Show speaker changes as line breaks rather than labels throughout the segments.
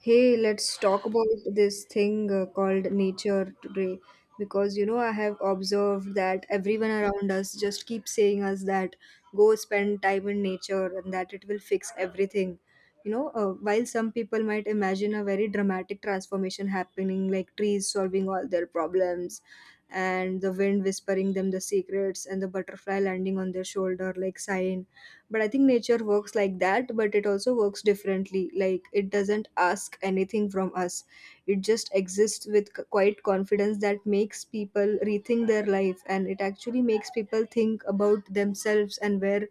Hey, let's talk about this thing called nature today, because you know I have observed that everyone around us just keeps saying us that go spend time in nature and that it will fix everything. While some people might imagine a very dramatic transformation happening, like trees solving all their problems, and the wind whispering them the secrets, and the butterfly landing on their shoulder like sign. But I think nature works like that, but it also works differently. Like it doesn't ask anything from us. It just exists with quite confidence that makes people rethink their life, and it actually makes people think about themselves and where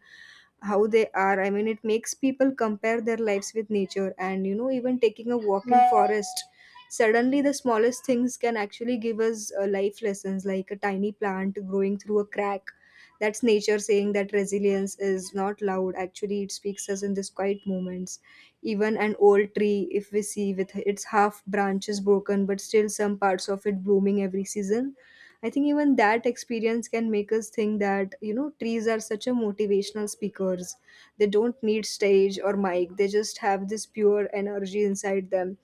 how they are. I mean, it makes people compare their lives with nature. And you know, even taking a walk in forest, suddenly the smallest things can actually give us life lessons, like a tiny plant growing through a crack. That's nature saying that resilience is not loud. Actually, it speaks us in these quiet moments. Even an old tree, if we see with its half branches broken but still some parts of it blooming every season, I think even that experience can make us think that, you know, trees are such a motivational speakers. They don't need stage or mic. They just have this pure energy inside them.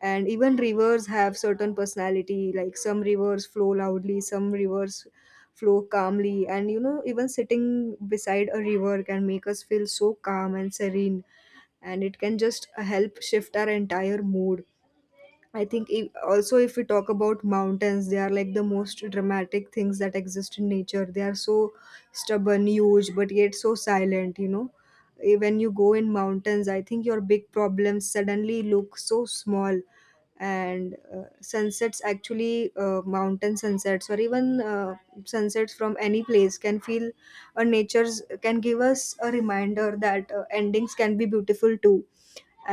And even rivers have certain personality, like some rivers flow loudly, some rivers flow calmly. And, you know, even sitting beside a river can make us feel so calm and serene. And it can just help shift our entire mood. I think if, also if we talk about mountains, they are like the most dramatic things that exist in nature. They are so stubborn, huge, but yet so silent, you know. When you go in mountains, I think your big problems suddenly look so small. And sunsets, actually, mountain sunsets or even sunsets from any place can feel, nature's can give us a reminder that endings can be beautiful too.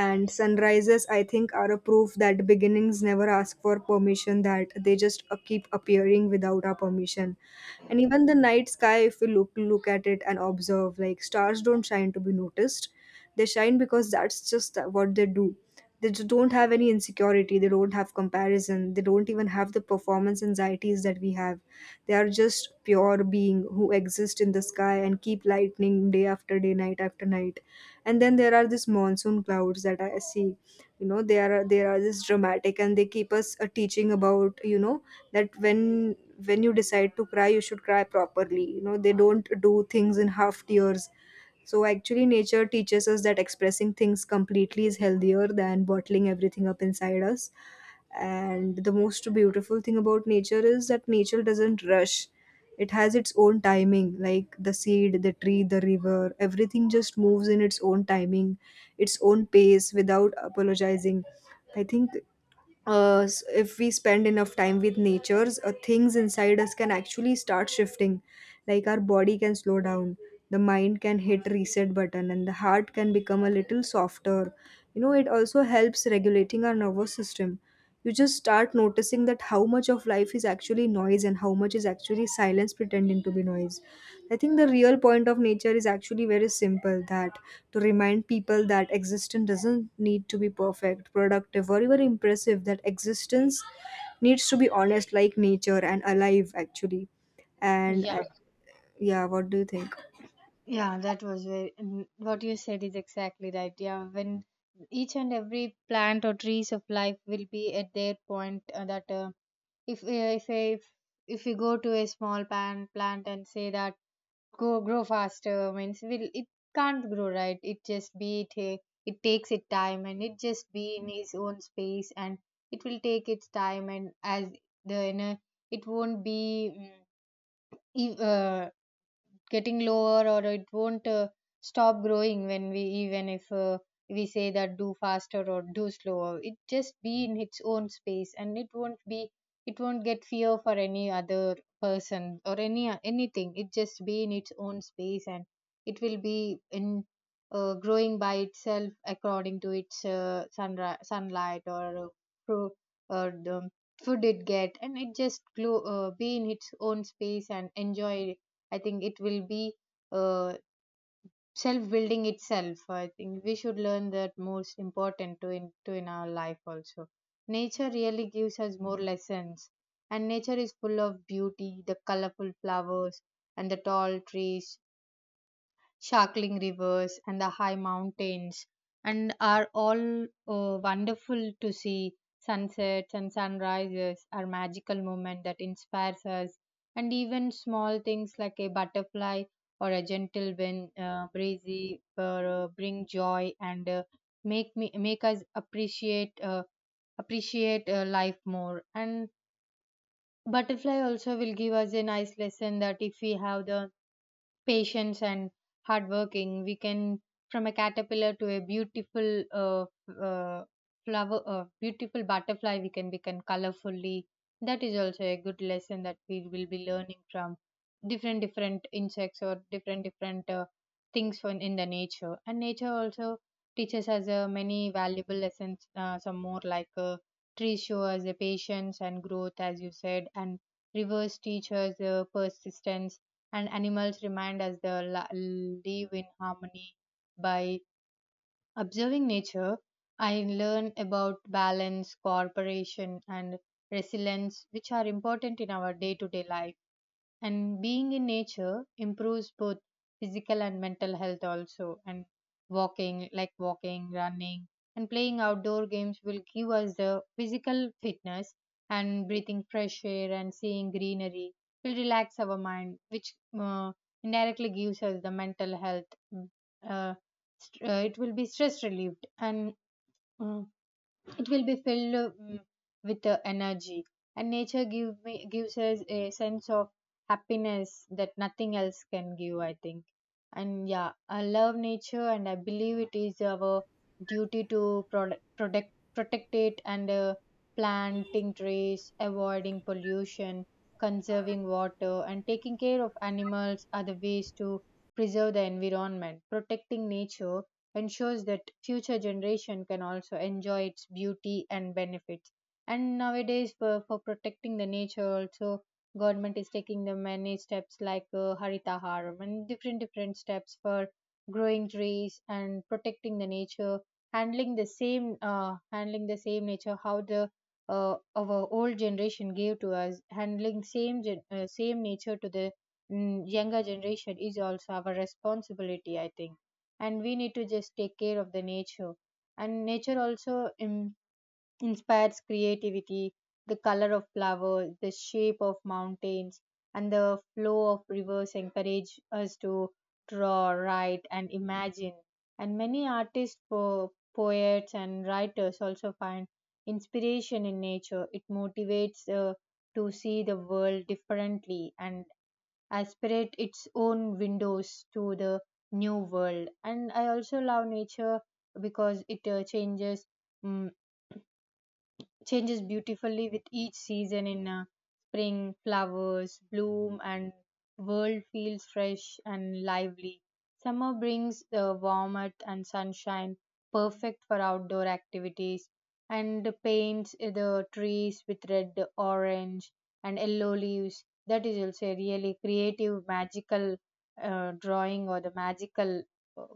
And sunrises, I think, are a proof that beginnings never ask for permission, that they just keep appearing without our permission. And even the night sky, if we look at it and observe, like stars don't shine to be noticed. They shine because that's just what they do. They just don't have any insecurity, they don't have comparison, they don't even have the performance anxieties that we have. They are just pure being who exist in the sky and keep lightning day after day, night after night. And then there are these monsoon clouds that I see, you know, they are this dramatic, and they keep us teaching about, you know, that when you decide to cry you should cry properly. You know, they don't do things in half tears. So actually nature teaches us that expressing things completely is healthier than bottling everything up inside us. And the most beautiful thing about nature is that nature doesn't rush. It has its own timing. Like the seed, the tree, the river, everything just moves in its own timing, its own pace without apologizing. I think if we spend enough time with natures, things inside us can actually start shifting. Like our body can slow down, the mind can hit reset button, and the heart can become a little softer. You know, it also helps regulating our nervous system. You just start noticing that how much of life is actually noise and how much is actually silence pretending to be noise. I think the real point of nature is actually very simple, that to remind people that existence doesn't need to be perfect, productive, or even impressive, that existence needs to be honest, like nature, and alive, actually. And I,
Yeah.
yeah, what do you think?
Yeah, that was very, what you said is exactly right. Yeah, when each and every plant or trees of life will be at their point that if uh, if a- if if you go to a small plant and say that go grow faster means will it can't grow, right. It just be it takes its time and it just be in its own space and it will take its time and as the you know, it won't be. mm, ev- uh, getting lower, or it won't stop growing when we, even if we say that do faster or do slower, it just be in its own space and it won't be, it won't get fear for any other person or anything. It just be in its own space and it will be in, growing by itself according to its sunlight or pro- or the food it get, and it just glow, be in its own space and enjoy. I think it will be uh, self building itself. I think we should learn that, most important to to in our life also. Nature really gives us more lessons, and nature is full of beauty, the colorful flowers and the tall trees, sparkling rivers and the high mountains, and are all wonderful to see. Sunsets and sunrises are magical moments that inspires us, and even small things like a butterfly or a gentle wind, breezy, bring joy and make us appreciate life more. And butterfly also will give us a nice lesson that if we have the patience and hard working, we can from a caterpillar to a uh, beautiful butterfly, we can become colorfully. That is also a good lesson that we will be learning from different insects or different things from in the nature. And nature also teaches us many valuable lessons, some more like, trees show us the patience and growth, as you said, and rivers teach us persistence, and animals remind us they live in harmony. By observing nature, I learn about balance, cooperation, and resilience, which are important in our day to day life. And being in nature improves both physical and mental health also. And walking, like walking, running, and playing outdoor games will give us the physical fitness, and breathing fresh air and seeing greenery will relax our mind, which uh, indirectly gives us the mental health. Uh, it will be stress relieved, and uh, it will be filled with energy. And nature gives us a sense of happiness that nothing else can give, I think. And yeah, I love nature, and I believe it is our duty to protect, protect it. And planting trees, avoiding pollution, conserving water, and taking care of animals are the ways to preserve the environment. Protecting nature ensures that future generation can also enjoy its beauty and benefits. And nowadays, for protecting the nature also, government is taking the many steps, like haritaharam, and different different steps for growing trees and protecting the nature. Handling the same, handling the same nature how the our old generation gave to us, handling same same nature to the younger generation is also our responsibility, I think. And we need to just take care of the nature. And nature also inspires creativity. The color of flowers, the shape of mountains, and the flow of rivers encourage us to draw, write, and imagine. And many artists, poets, and writers also find inspiration in nature. It motivates to see the world differently and aspirate its own windows to the new world. And I also love nature because it changes, mm changes beautifully with each season. In spring, flowers bloom and world feels fresh and lively. Summer brings the warmth and sunshine, perfect for outdoor activities, and paints the trees with red, orange, and yellow leaves. That is also a really creative magical drawing, or the magical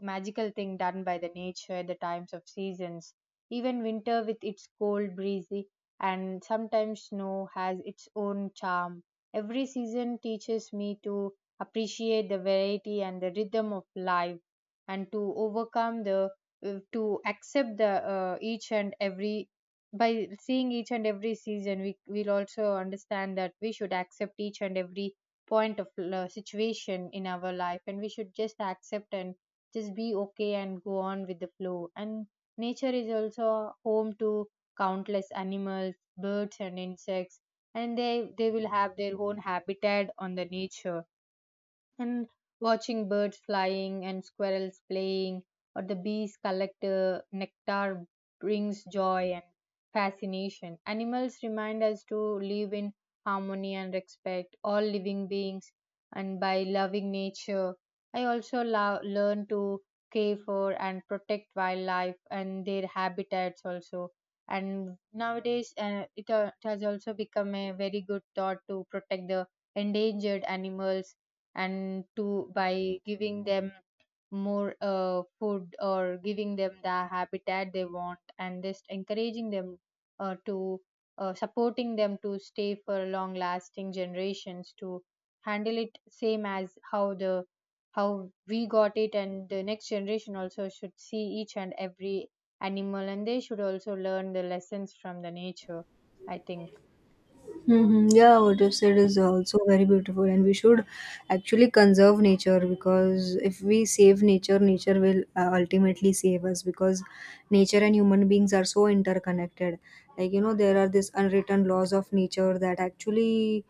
magical thing done by the nature at the times of seasons. Even winter, with its cold, breezy, and sometimes snow, has its own charm. Every season teaches me to appreciate the variety and the rhythm of life, and to overcome the, to accept the, each and every by seeing each and every season we will also understand that we should accept each and every point of situation in our life, and we should just accept and just be okay and go on with the flow. And nature is also home to countless animals, birds, and insects, and they will have their own habitat on the nature. And watching birds flying and squirrels playing, or the bees collect nectar, brings joy and fascination. Animals remind us to live in harmony and respect all living beings. And by loving nature, I also learn to care for and protect wildlife and their habitats also. And nowadays, it has also become a very good thought to protect the endangered animals, and to by giving them more food or giving them the habitat they want, and just encouraging them to supporting them to stay for long lasting generations, to handle it same as how the, how we got it. And the next generation also should see each and every animal, and they should also learn the lessons from the nature, I think.
Hmm. Yeah, what you said is also very beautiful, and we should actually conserve nature, because if we save nature, nature will ultimately save us, because nature and human beings are so interconnected. Like, you know, there are these unwritten laws of nature that actually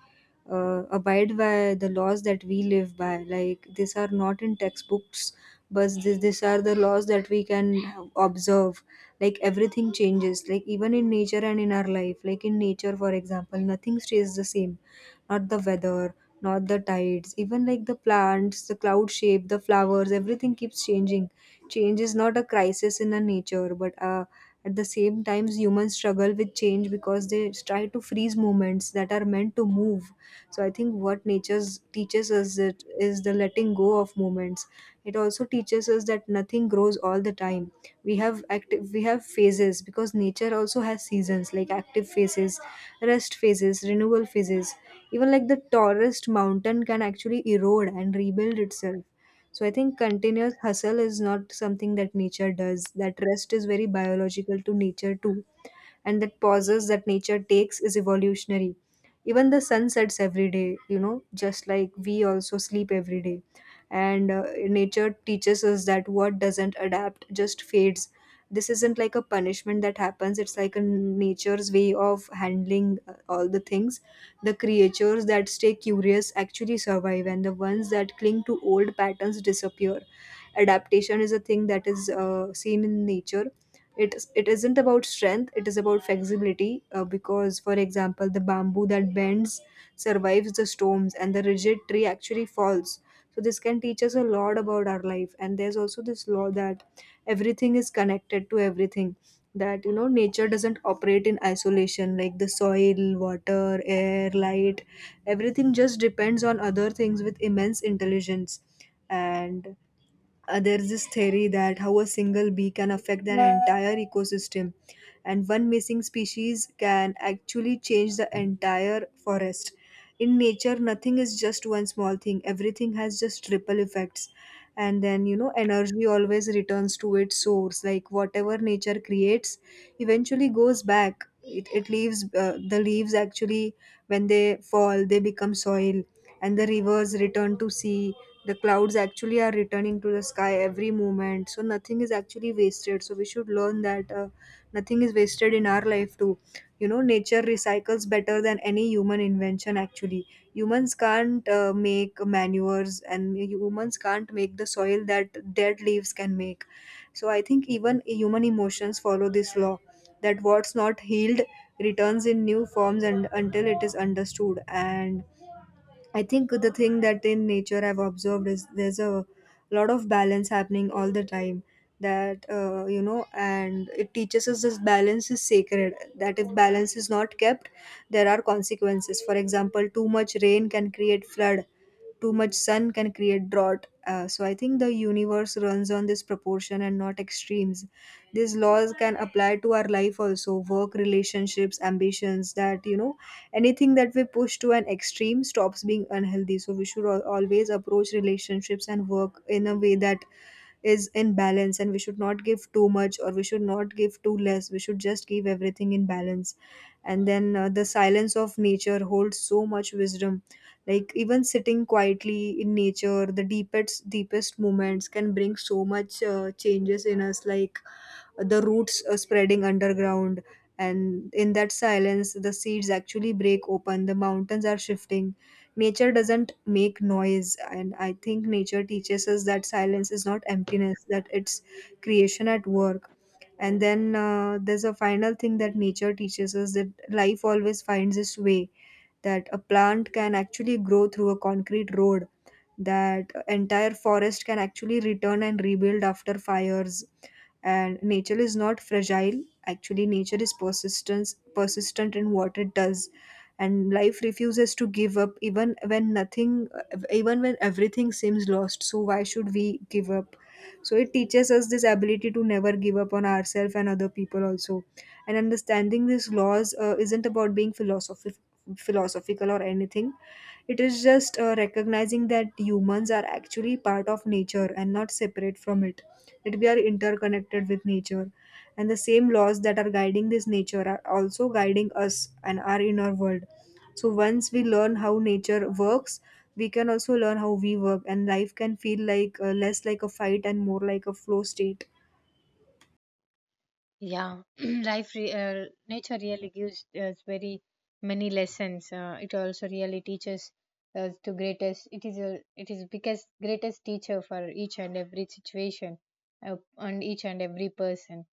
abide by the laws that we live by. Like, these are not in textbooks, but these are the laws that we can observe. Like everything changes, like even in nature and in our life. Like in nature, for example, nothing stays the same. Not the weather, not the tides, even like the plants, the cloud shape, the flowers, everything keeps changing. Change is not a crisis in the nature, but at the same times humans struggle with change because they try to freeze moments that are meant to move. So I think what nature teaches us, it is the letting go of moments. It also teaches us that nothing grows all the time. We have active, we have phases, because nature also has seasons, like active phases, rest phases, renewal phases. Even like the tallest mountain can actually erode and rebuild itself. So I think continuous hustle is not something that nature does, that rest is very biological to nature too. And that pauses that nature takes is evolutionary. Even the sun sets every day, you know, just like we also sleep every day. And nature teaches us that what doesn't adapt just fades. This isn't like a punishment that happens, it's like a nature's way of handling all the things. The creatures that stay curious actually survive, and the ones that cling to old patterns disappear. Adaptation is a thing that is seen in nature. It isn't about strength, it is about flexibility, because for example the bamboo that bends survives the storms, and the rigid tree actually falls. So this can teach us a lot about our life. And there's also this law that everything is connected to everything. That you know, nature doesn't operate in isolation, like the soil, water, air, light, everything just depends on other things with immense intelligence. And there's this theory that how a single bee can affect an entire ecosystem, and one missing species can actually change the entire forest. In nature, nothing is just one small thing, everything has just ripple effects. And then, you know, energy always returns to its source. Like whatever nature creates eventually goes back. It leaves, the leaves actually, when they fall, they become soil, and the rivers return to sea. The clouds actually are returning to the sky every moment, so nothing is actually wasted. So we should learn that nothing is wasted in our life too. You know, nature recycles better than any human invention. Actually, humans can't make manures, and humans can't make the soil that dead leaves can make. So I think even human emotions follow this law, that what's not healed returns in new forms and until it is understood. And I think the thing that in nature I've observed is there's a lot of balance happening all the time. That you know, and it teaches us this balance is sacred. That if balance is not kept, there are consequences. For example, too much rain can create flood. Too much sun can create drought. So I think the universe runs on this proportion and not extremes. These laws can apply to our life also, work, relationships, ambitions. That you know, anything that we push to an extreme stops being unhealthy. So we should always approach relationships and work in a way that is in balance. And we should not give too much or we should not give too less, we should just give everything in balance. And then the silence of nature holds so much wisdom. Like even sitting quietly in nature, the deepest moments can bring so much changes in us. Like the roots spreading underground, and in that silence the seeds actually break open, the mountains are shifting. Nature doesn't make noise, and I think nature teaches us that silence is not emptiness, that it's creation at work. And then there's a final thing that nature teaches us, that life always finds its way. That a plant can actually grow through a concrete road, that entire forest can actually return and rebuild after fires. And nature is not fragile. Actually, nature is persistence persistent in what it does. And life refuses to give up even when nothing, even when everything seems lost. So why should we give up? So it teaches us this ability to never give up on ourselves and other people also. And understanding these laws isn't about being philosophical or anything. It is just recognizing that humans are actually part of nature and not separate from it, that we are interconnected with nature. And the same laws that are guiding this nature are also guiding us and our inner world. So once we learn how nature works, we can also learn how we work, and life can feel less like a fight and more like a flow state.
Yeah, life, nature really gives us very many lessons. It also really teaches us to greatest. It is biggest greatest teacher for each and every situation, and each and every person.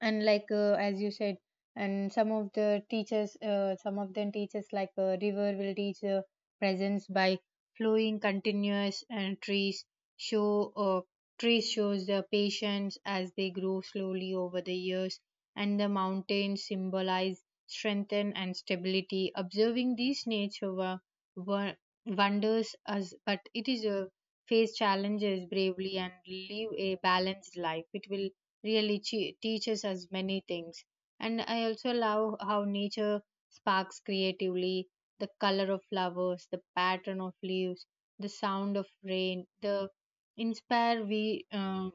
And like, as you said, and some of the teachers, some of them teachers, like river will teach presence by flowing continuous. And trees show trees shows the patience as they grow slowly over the years. And the mountains symbolize strength and stability. Observing these nature wo- wonders us, but it is a face challenges bravely and live a balanced life. It will really teaches us many things. And I also love how nature sparks creatively, the color of flowers, the pattern of leaves, the sound of rain, the inspire we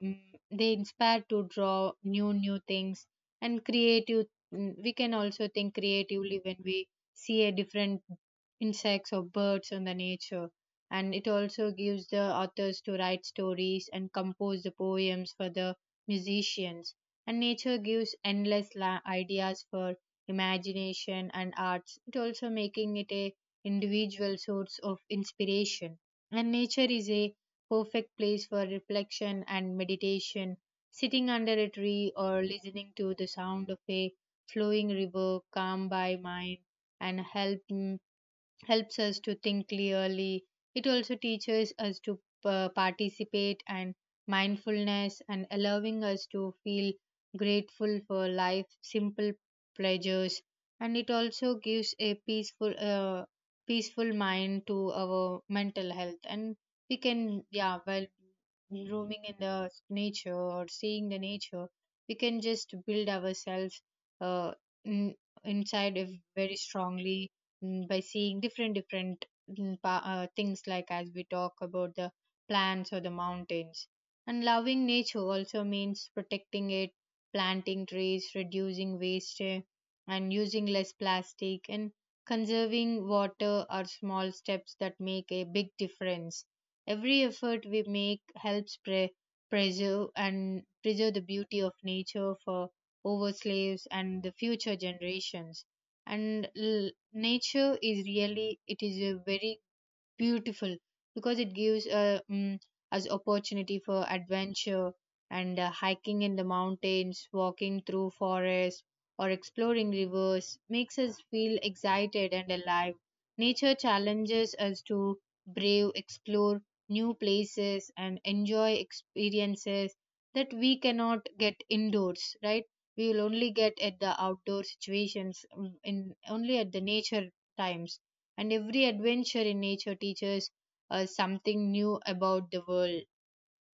they inspire to draw new things and creative, we can also think creatively when we see a different insects or birds on the nature. And it also gives the authors to write stories and compose the poems for the musicians, and nature gives endless ideas for imagination and arts. It also making it a individual source of inspiration. And nature is a perfect place for reflection and meditation. Sitting under a tree or listening to the sound of a flowing river calm by mind and helps us to think clearly. It also teaches us to participate and mindfulness, and allowing us to feel grateful for life, simple pleasures. And it also gives a peaceful mind to our mental health. And we can, yeah, while roaming in the nature or seeing the nature, we can just build ourselves uh, in, inside a very strongly, by seeing different different things, like as we talk about the plants or the mountains. And loving nature also means protecting it. Planting trees, reducing waste, and using less plastic, and conserving water are small steps that make a big difference. Every effort we make helps preserve the beauty of nature for over slaves and the future generations. And nature is really, it is a very beautiful because it gives us opportunity for adventure. And hiking in the mountains, walking through forests, or exploring rivers makes us feel excited and alive. Nature challenges us to brave explore new places and enjoy experiences that we cannot get indoors, right. We will only get at the outdoor situations, mm, in only at the nature times. And every adventure in nature teaches us something new about the world.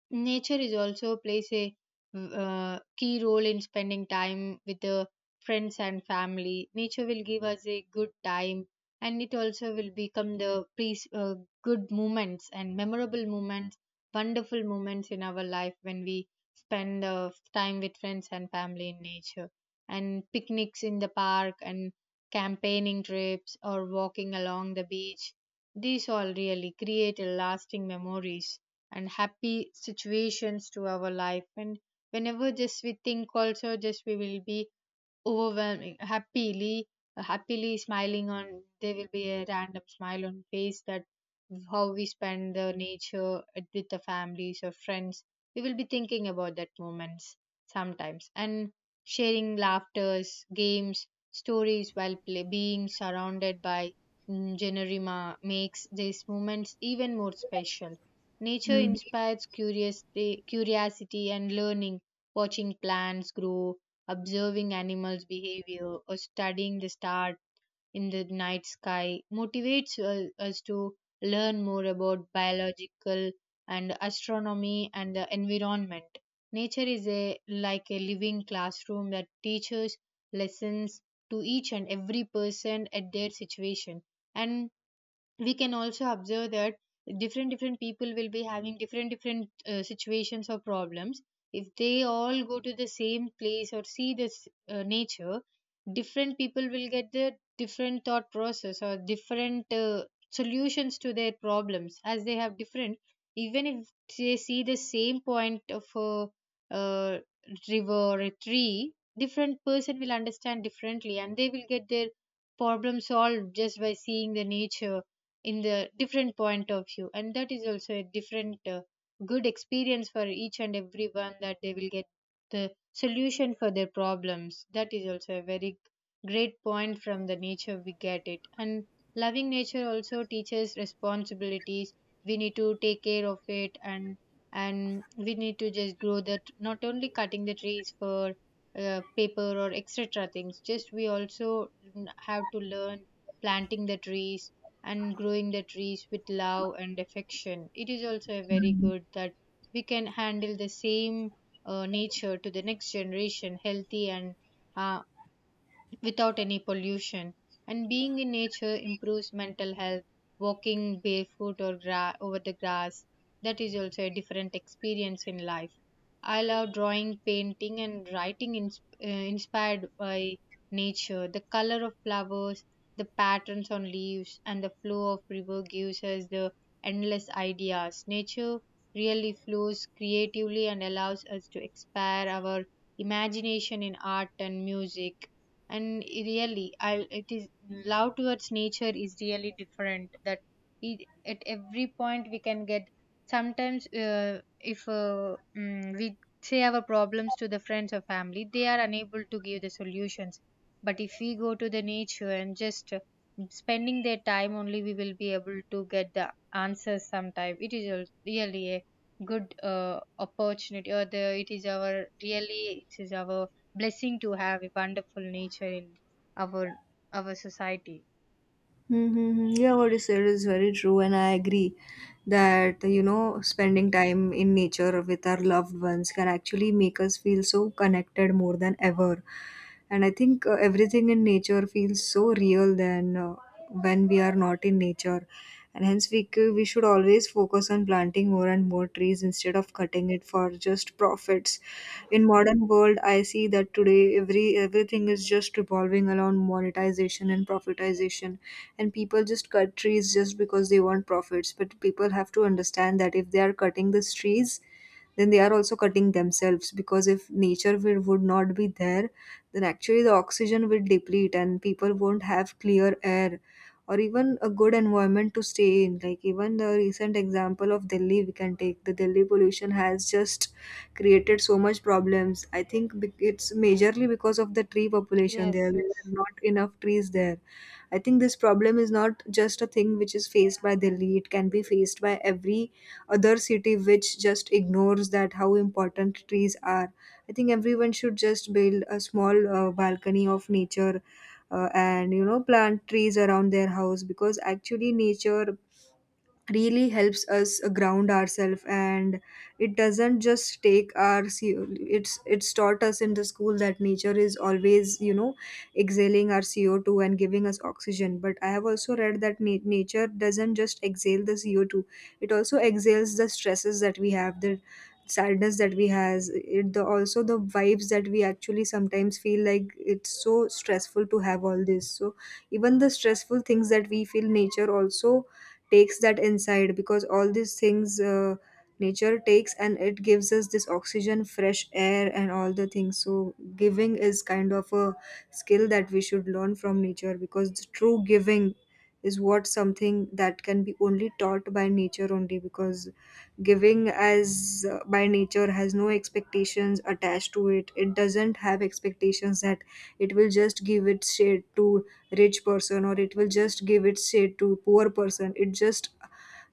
Nature is also plays a key role in spending time with the friends and family. Nature will give us a good time, and it also will become the peace, good moments, and memorable moments, wonderful moments in our life when we spend time with friends and family in nature. And picnics in the park, and campaigning trips, or walking along the beach. These all really create a lasting memories and happy situations to our life, and whenever just we think also just we will be overwhelming happily smiling on, there will be a random smile on face that how we spend the nature with the families or friends. We will be thinking about that moments sometimes and sharing laughters, games, stories while play, being surrounded by generima makes these moments even more special. Nature
Mhm.
inspires curiosity, and learning, watching plants grow, observing animals' behavior, or studying the stars in the night sky motivates us to learn more about biological and astronomy and the environment. Nature is a like a living classroom that teaches lessons to each and every person at their situation, and we can also observe that different people will be having different situations or problems. If they all go to the same place or see this nature, different people will get the different thought process or different solutions to their problems as they have different, even if they see the same point of a uh, river or a tree, different person will understand differently and they will get their problem solved just by seeing the nature in the different point of view. And that is also a different good experience for each and everyone, that they will get the solution for their problems. That is also a very great point from the nature we get it. And loving nature also teaches responsibilities. We need to take care of it, and we need to just grow that, not only cutting the trees for paper or etc things. Just we also have to learn planting the trees and growing the trees with love and affection. It is also a very good that we can handle the same nature to the next generation healthy and uh, without any pollution. And being in nature improves mental health. Walking barefoot or over the grass, that is also a different experience in life. I love drawing, painting, and writing inspired by nature. The color of flowers, the patterns on leaves, and the flow of river gives us the endless ideas. Nature really flows creatively and allows us to expand our imagination in art and music. And really, I it is love towards nature is really different, that it, at every point we can get sometimes if mm, we say our problems to the friends or family, they are unable to give the solutions. But if we go to the nature and just spending their time only, we will be able to get the answers sometime. It is a, really a good opportunity, or the it is our, really it is our blessing to have a wonderful nature in our our society.
Mm-hmm, mm-hmm, yeah, what you said is very true, and I agree that spending time in nature with our loved ones can actually make us feel so connected more than ever. And I think everything in nature feels so real than when we are not in nature, and hence we should always focus on planting more and more trees instead of cutting it for just profits. In modern world, I see that today everything is just revolving around monetization and profitization, and people just cut trees just because they want profits, but people have to understand that if they are cutting these trees, then they are also cutting themselves, because if nature would not be there, then actually the oxygen will deplete and people won't have clear air or even a good environment to stay in. Like even the recent example of Delhi we can take, the Delhi pollution has just created so much problems. I think it's majorly because of the tree population
Yes,
there, there
yes.
are not enough trees there. I think this problem is not just a thing which is faced by Delhi, it can be faced by every other city which just ignores that how important trees are. I think everyone should just build a small balcony of nature, and plant trees around their house, because actually nature really helps us ground ourselves, and it doesn't just take our co. It's taught us in the school that nature is always, exhaling our CO2 and giving us oxygen, but I have also read that nature doesn't just exhale the CO2, it also exhales the stresses that we have, the sadness that we has it, the also the vibes that we actually sometimes feel like it's so stressful to have all this. So even the stressful things that we feel, nature also takes that inside, because all these things nature takes, and it gives us this oxygen, fresh air, and all the things. So giving is kind of a skill that we should learn from nature, because the true giving is what something that can be only taught by nature only, because giving as by nature has no expectations attached to it. It doesn't have expectations that it will just give its shade to rich person, or it will just give its shade to poor person. It just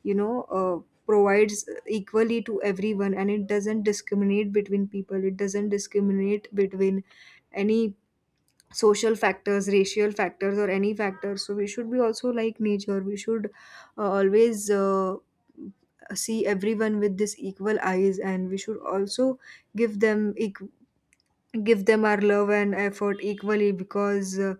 you know uh, provides equally to everyone, and it doesn't discriminate between people, it doesn't discriminate between any social factors, racial factors, or any factors. So we should be also like nature, we should always see everyone with this equal eyes, and we should also give them equal give them our love and effort equally, because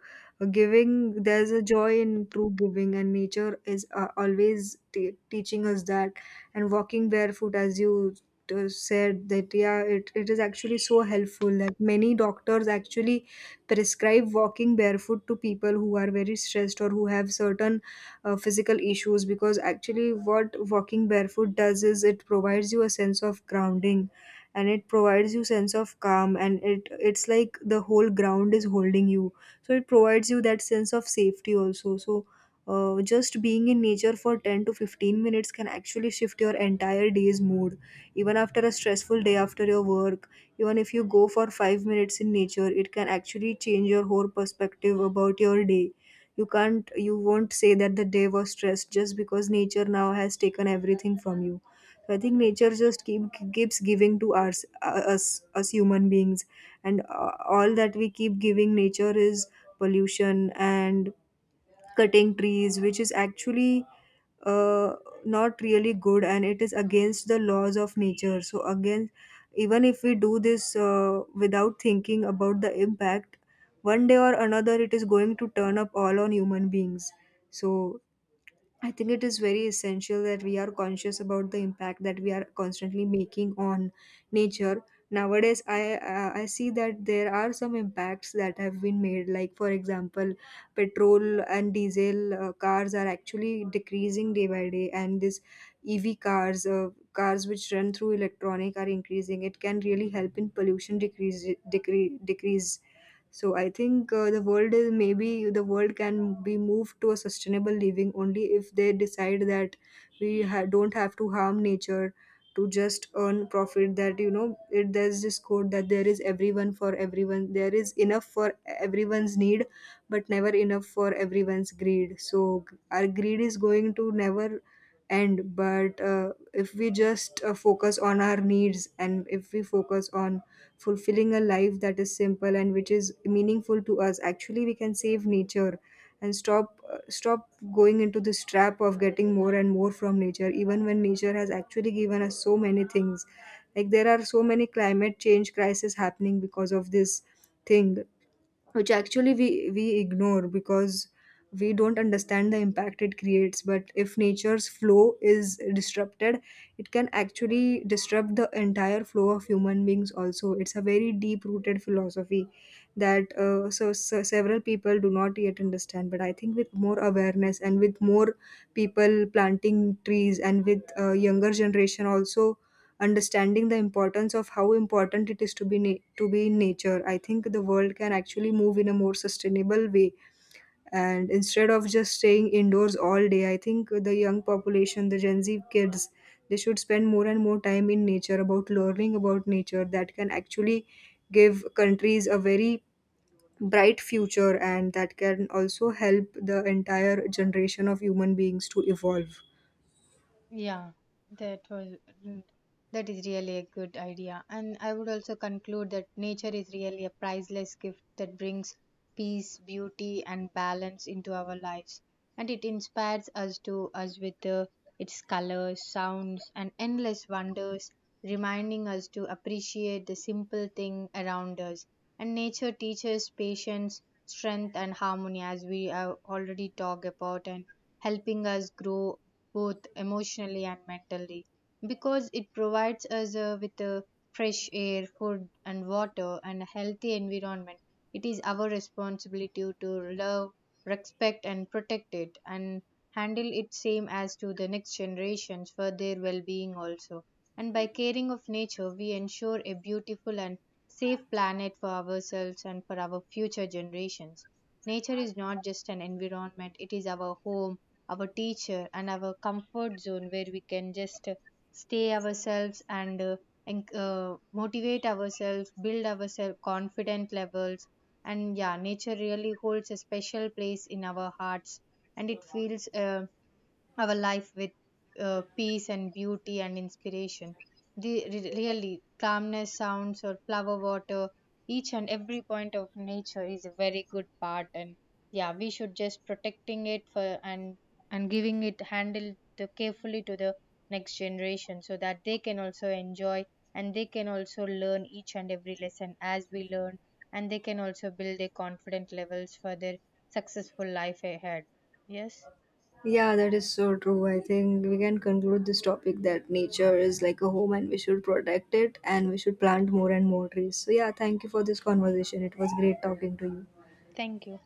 giving, there's a joy in true giving, and nature is always teaching us that. And walking barefoot, as you said that, yeah, it is actually so helpful that many doctors actually prescribe walking barefoot to people who are very stressed or who have certain physical issues, because actually what walking barefoot does is it provides you a sense of grounding, and it provides you sense of calm, and it's like the whole ground is holding you, so it provides you that sense of safety also. So just being in nature for 10 to 15 minutes can actually shift your entire day's mood. Even after a stressful day after your work, even if you go for 5 minutes in nature, it can actually change your whole perspective about your day. You can't, you won't say that the day was stressed just because nature now has taken everything from you. I think nature just keeps giving to us, us human beings, and all that we keep giving nature is pollution and cutting trees, which is actually uh, not really good, and it is against the laws of nature. So again, even if we do this without thinking about the impact, one day or another, it is going to turn up all on human beings. So I think it is very essential that we are conscious about the impact that we are constantly making on nature. Nowadays, I see that there are some impacts that have been made. Like for example, petrol and diesel cars are actually decreasing day by day, and this EV cars, cars which run through electronic, are increasing. It can really help in pollution decrease. So I think the world is maybe the world can be moved to a sustainable living only if they decide that don't have to harm nature to just earn profit. That, you know, it, there's this quote that there is everyone for everyone, there is enough for everyone's need, but never enough for everyone's greed. So our greed is going to never end. But if we just focus on our needs, and if we focus on fulfilling a life that is simple and which is meaningful to us, actually we can save nature and stop stop going into this trap of getting more and more from nature, even when nature has actually given us so many things. Like there are so many climate change crises happening because of this thing, which actually we ignore because we don't understand the impact it creates. But if nature's flow is disrupted, it can actually disrupt the entire flow of human beings also. It's a very deep rooted philosophy that so several people do not yet understand. But I think with more awareness and with more people planting trees, and with younger generation also understanding the importance of how important it is to to be in nature, I think the world can actually move in a more sustainable way. And instead of just staying indoors all day, I think the young population, the gen Z kids, they should spend more and more time in nature about learning about nature, that can actually give countries a very bright future, and that can also help the entire generation of human beings to evolve.
Yeah, that was mm, that is really a good idea. And I would also conclude that nature is really a priceless gift that brings peace, beauty, and balance into our lives. And it inspires us to us with its colors, sounds, and endless wonders, reminding us to appreciate the simple thing around us. And nature teaches patience, strength, and harmony, as we have already talked about, and helping us grow both emotionally and mentally, because it provides us with fresh air, food, and water, and a healthy environment. It is our responsibility to love, respect, and protect it, and handle it same as to the next generations for their well-being also. And by caring of nature, we ensure a beautiful and safe planet for ourselves and for our future generations. Nature is not just an environment; it is our home, our teacher, and our comfort zone, where we can just stay ourselves and motivate ourselves, build ourselves confident levels. And yeah, nature really holds a special place in our hearts, and it feels our life with peace and beauty and inspiration. The, really, calmness, sounds, or flower water, each and every point of nature is a very good part. And yeah, we should just protecting it for, and giving it handle the carefully to the next generation, so that they can also enjoy and they can also learn each and every lesson as we learn, and they can also build their confident levels for their successful life ahead. Yes,
Yeah, that is so true. I think we can conclude this topic that nature is like a home, and we should protect it, and we should plant more and more trees. So, yeah, thank you for this conversation. It was great talking to you.
thank you.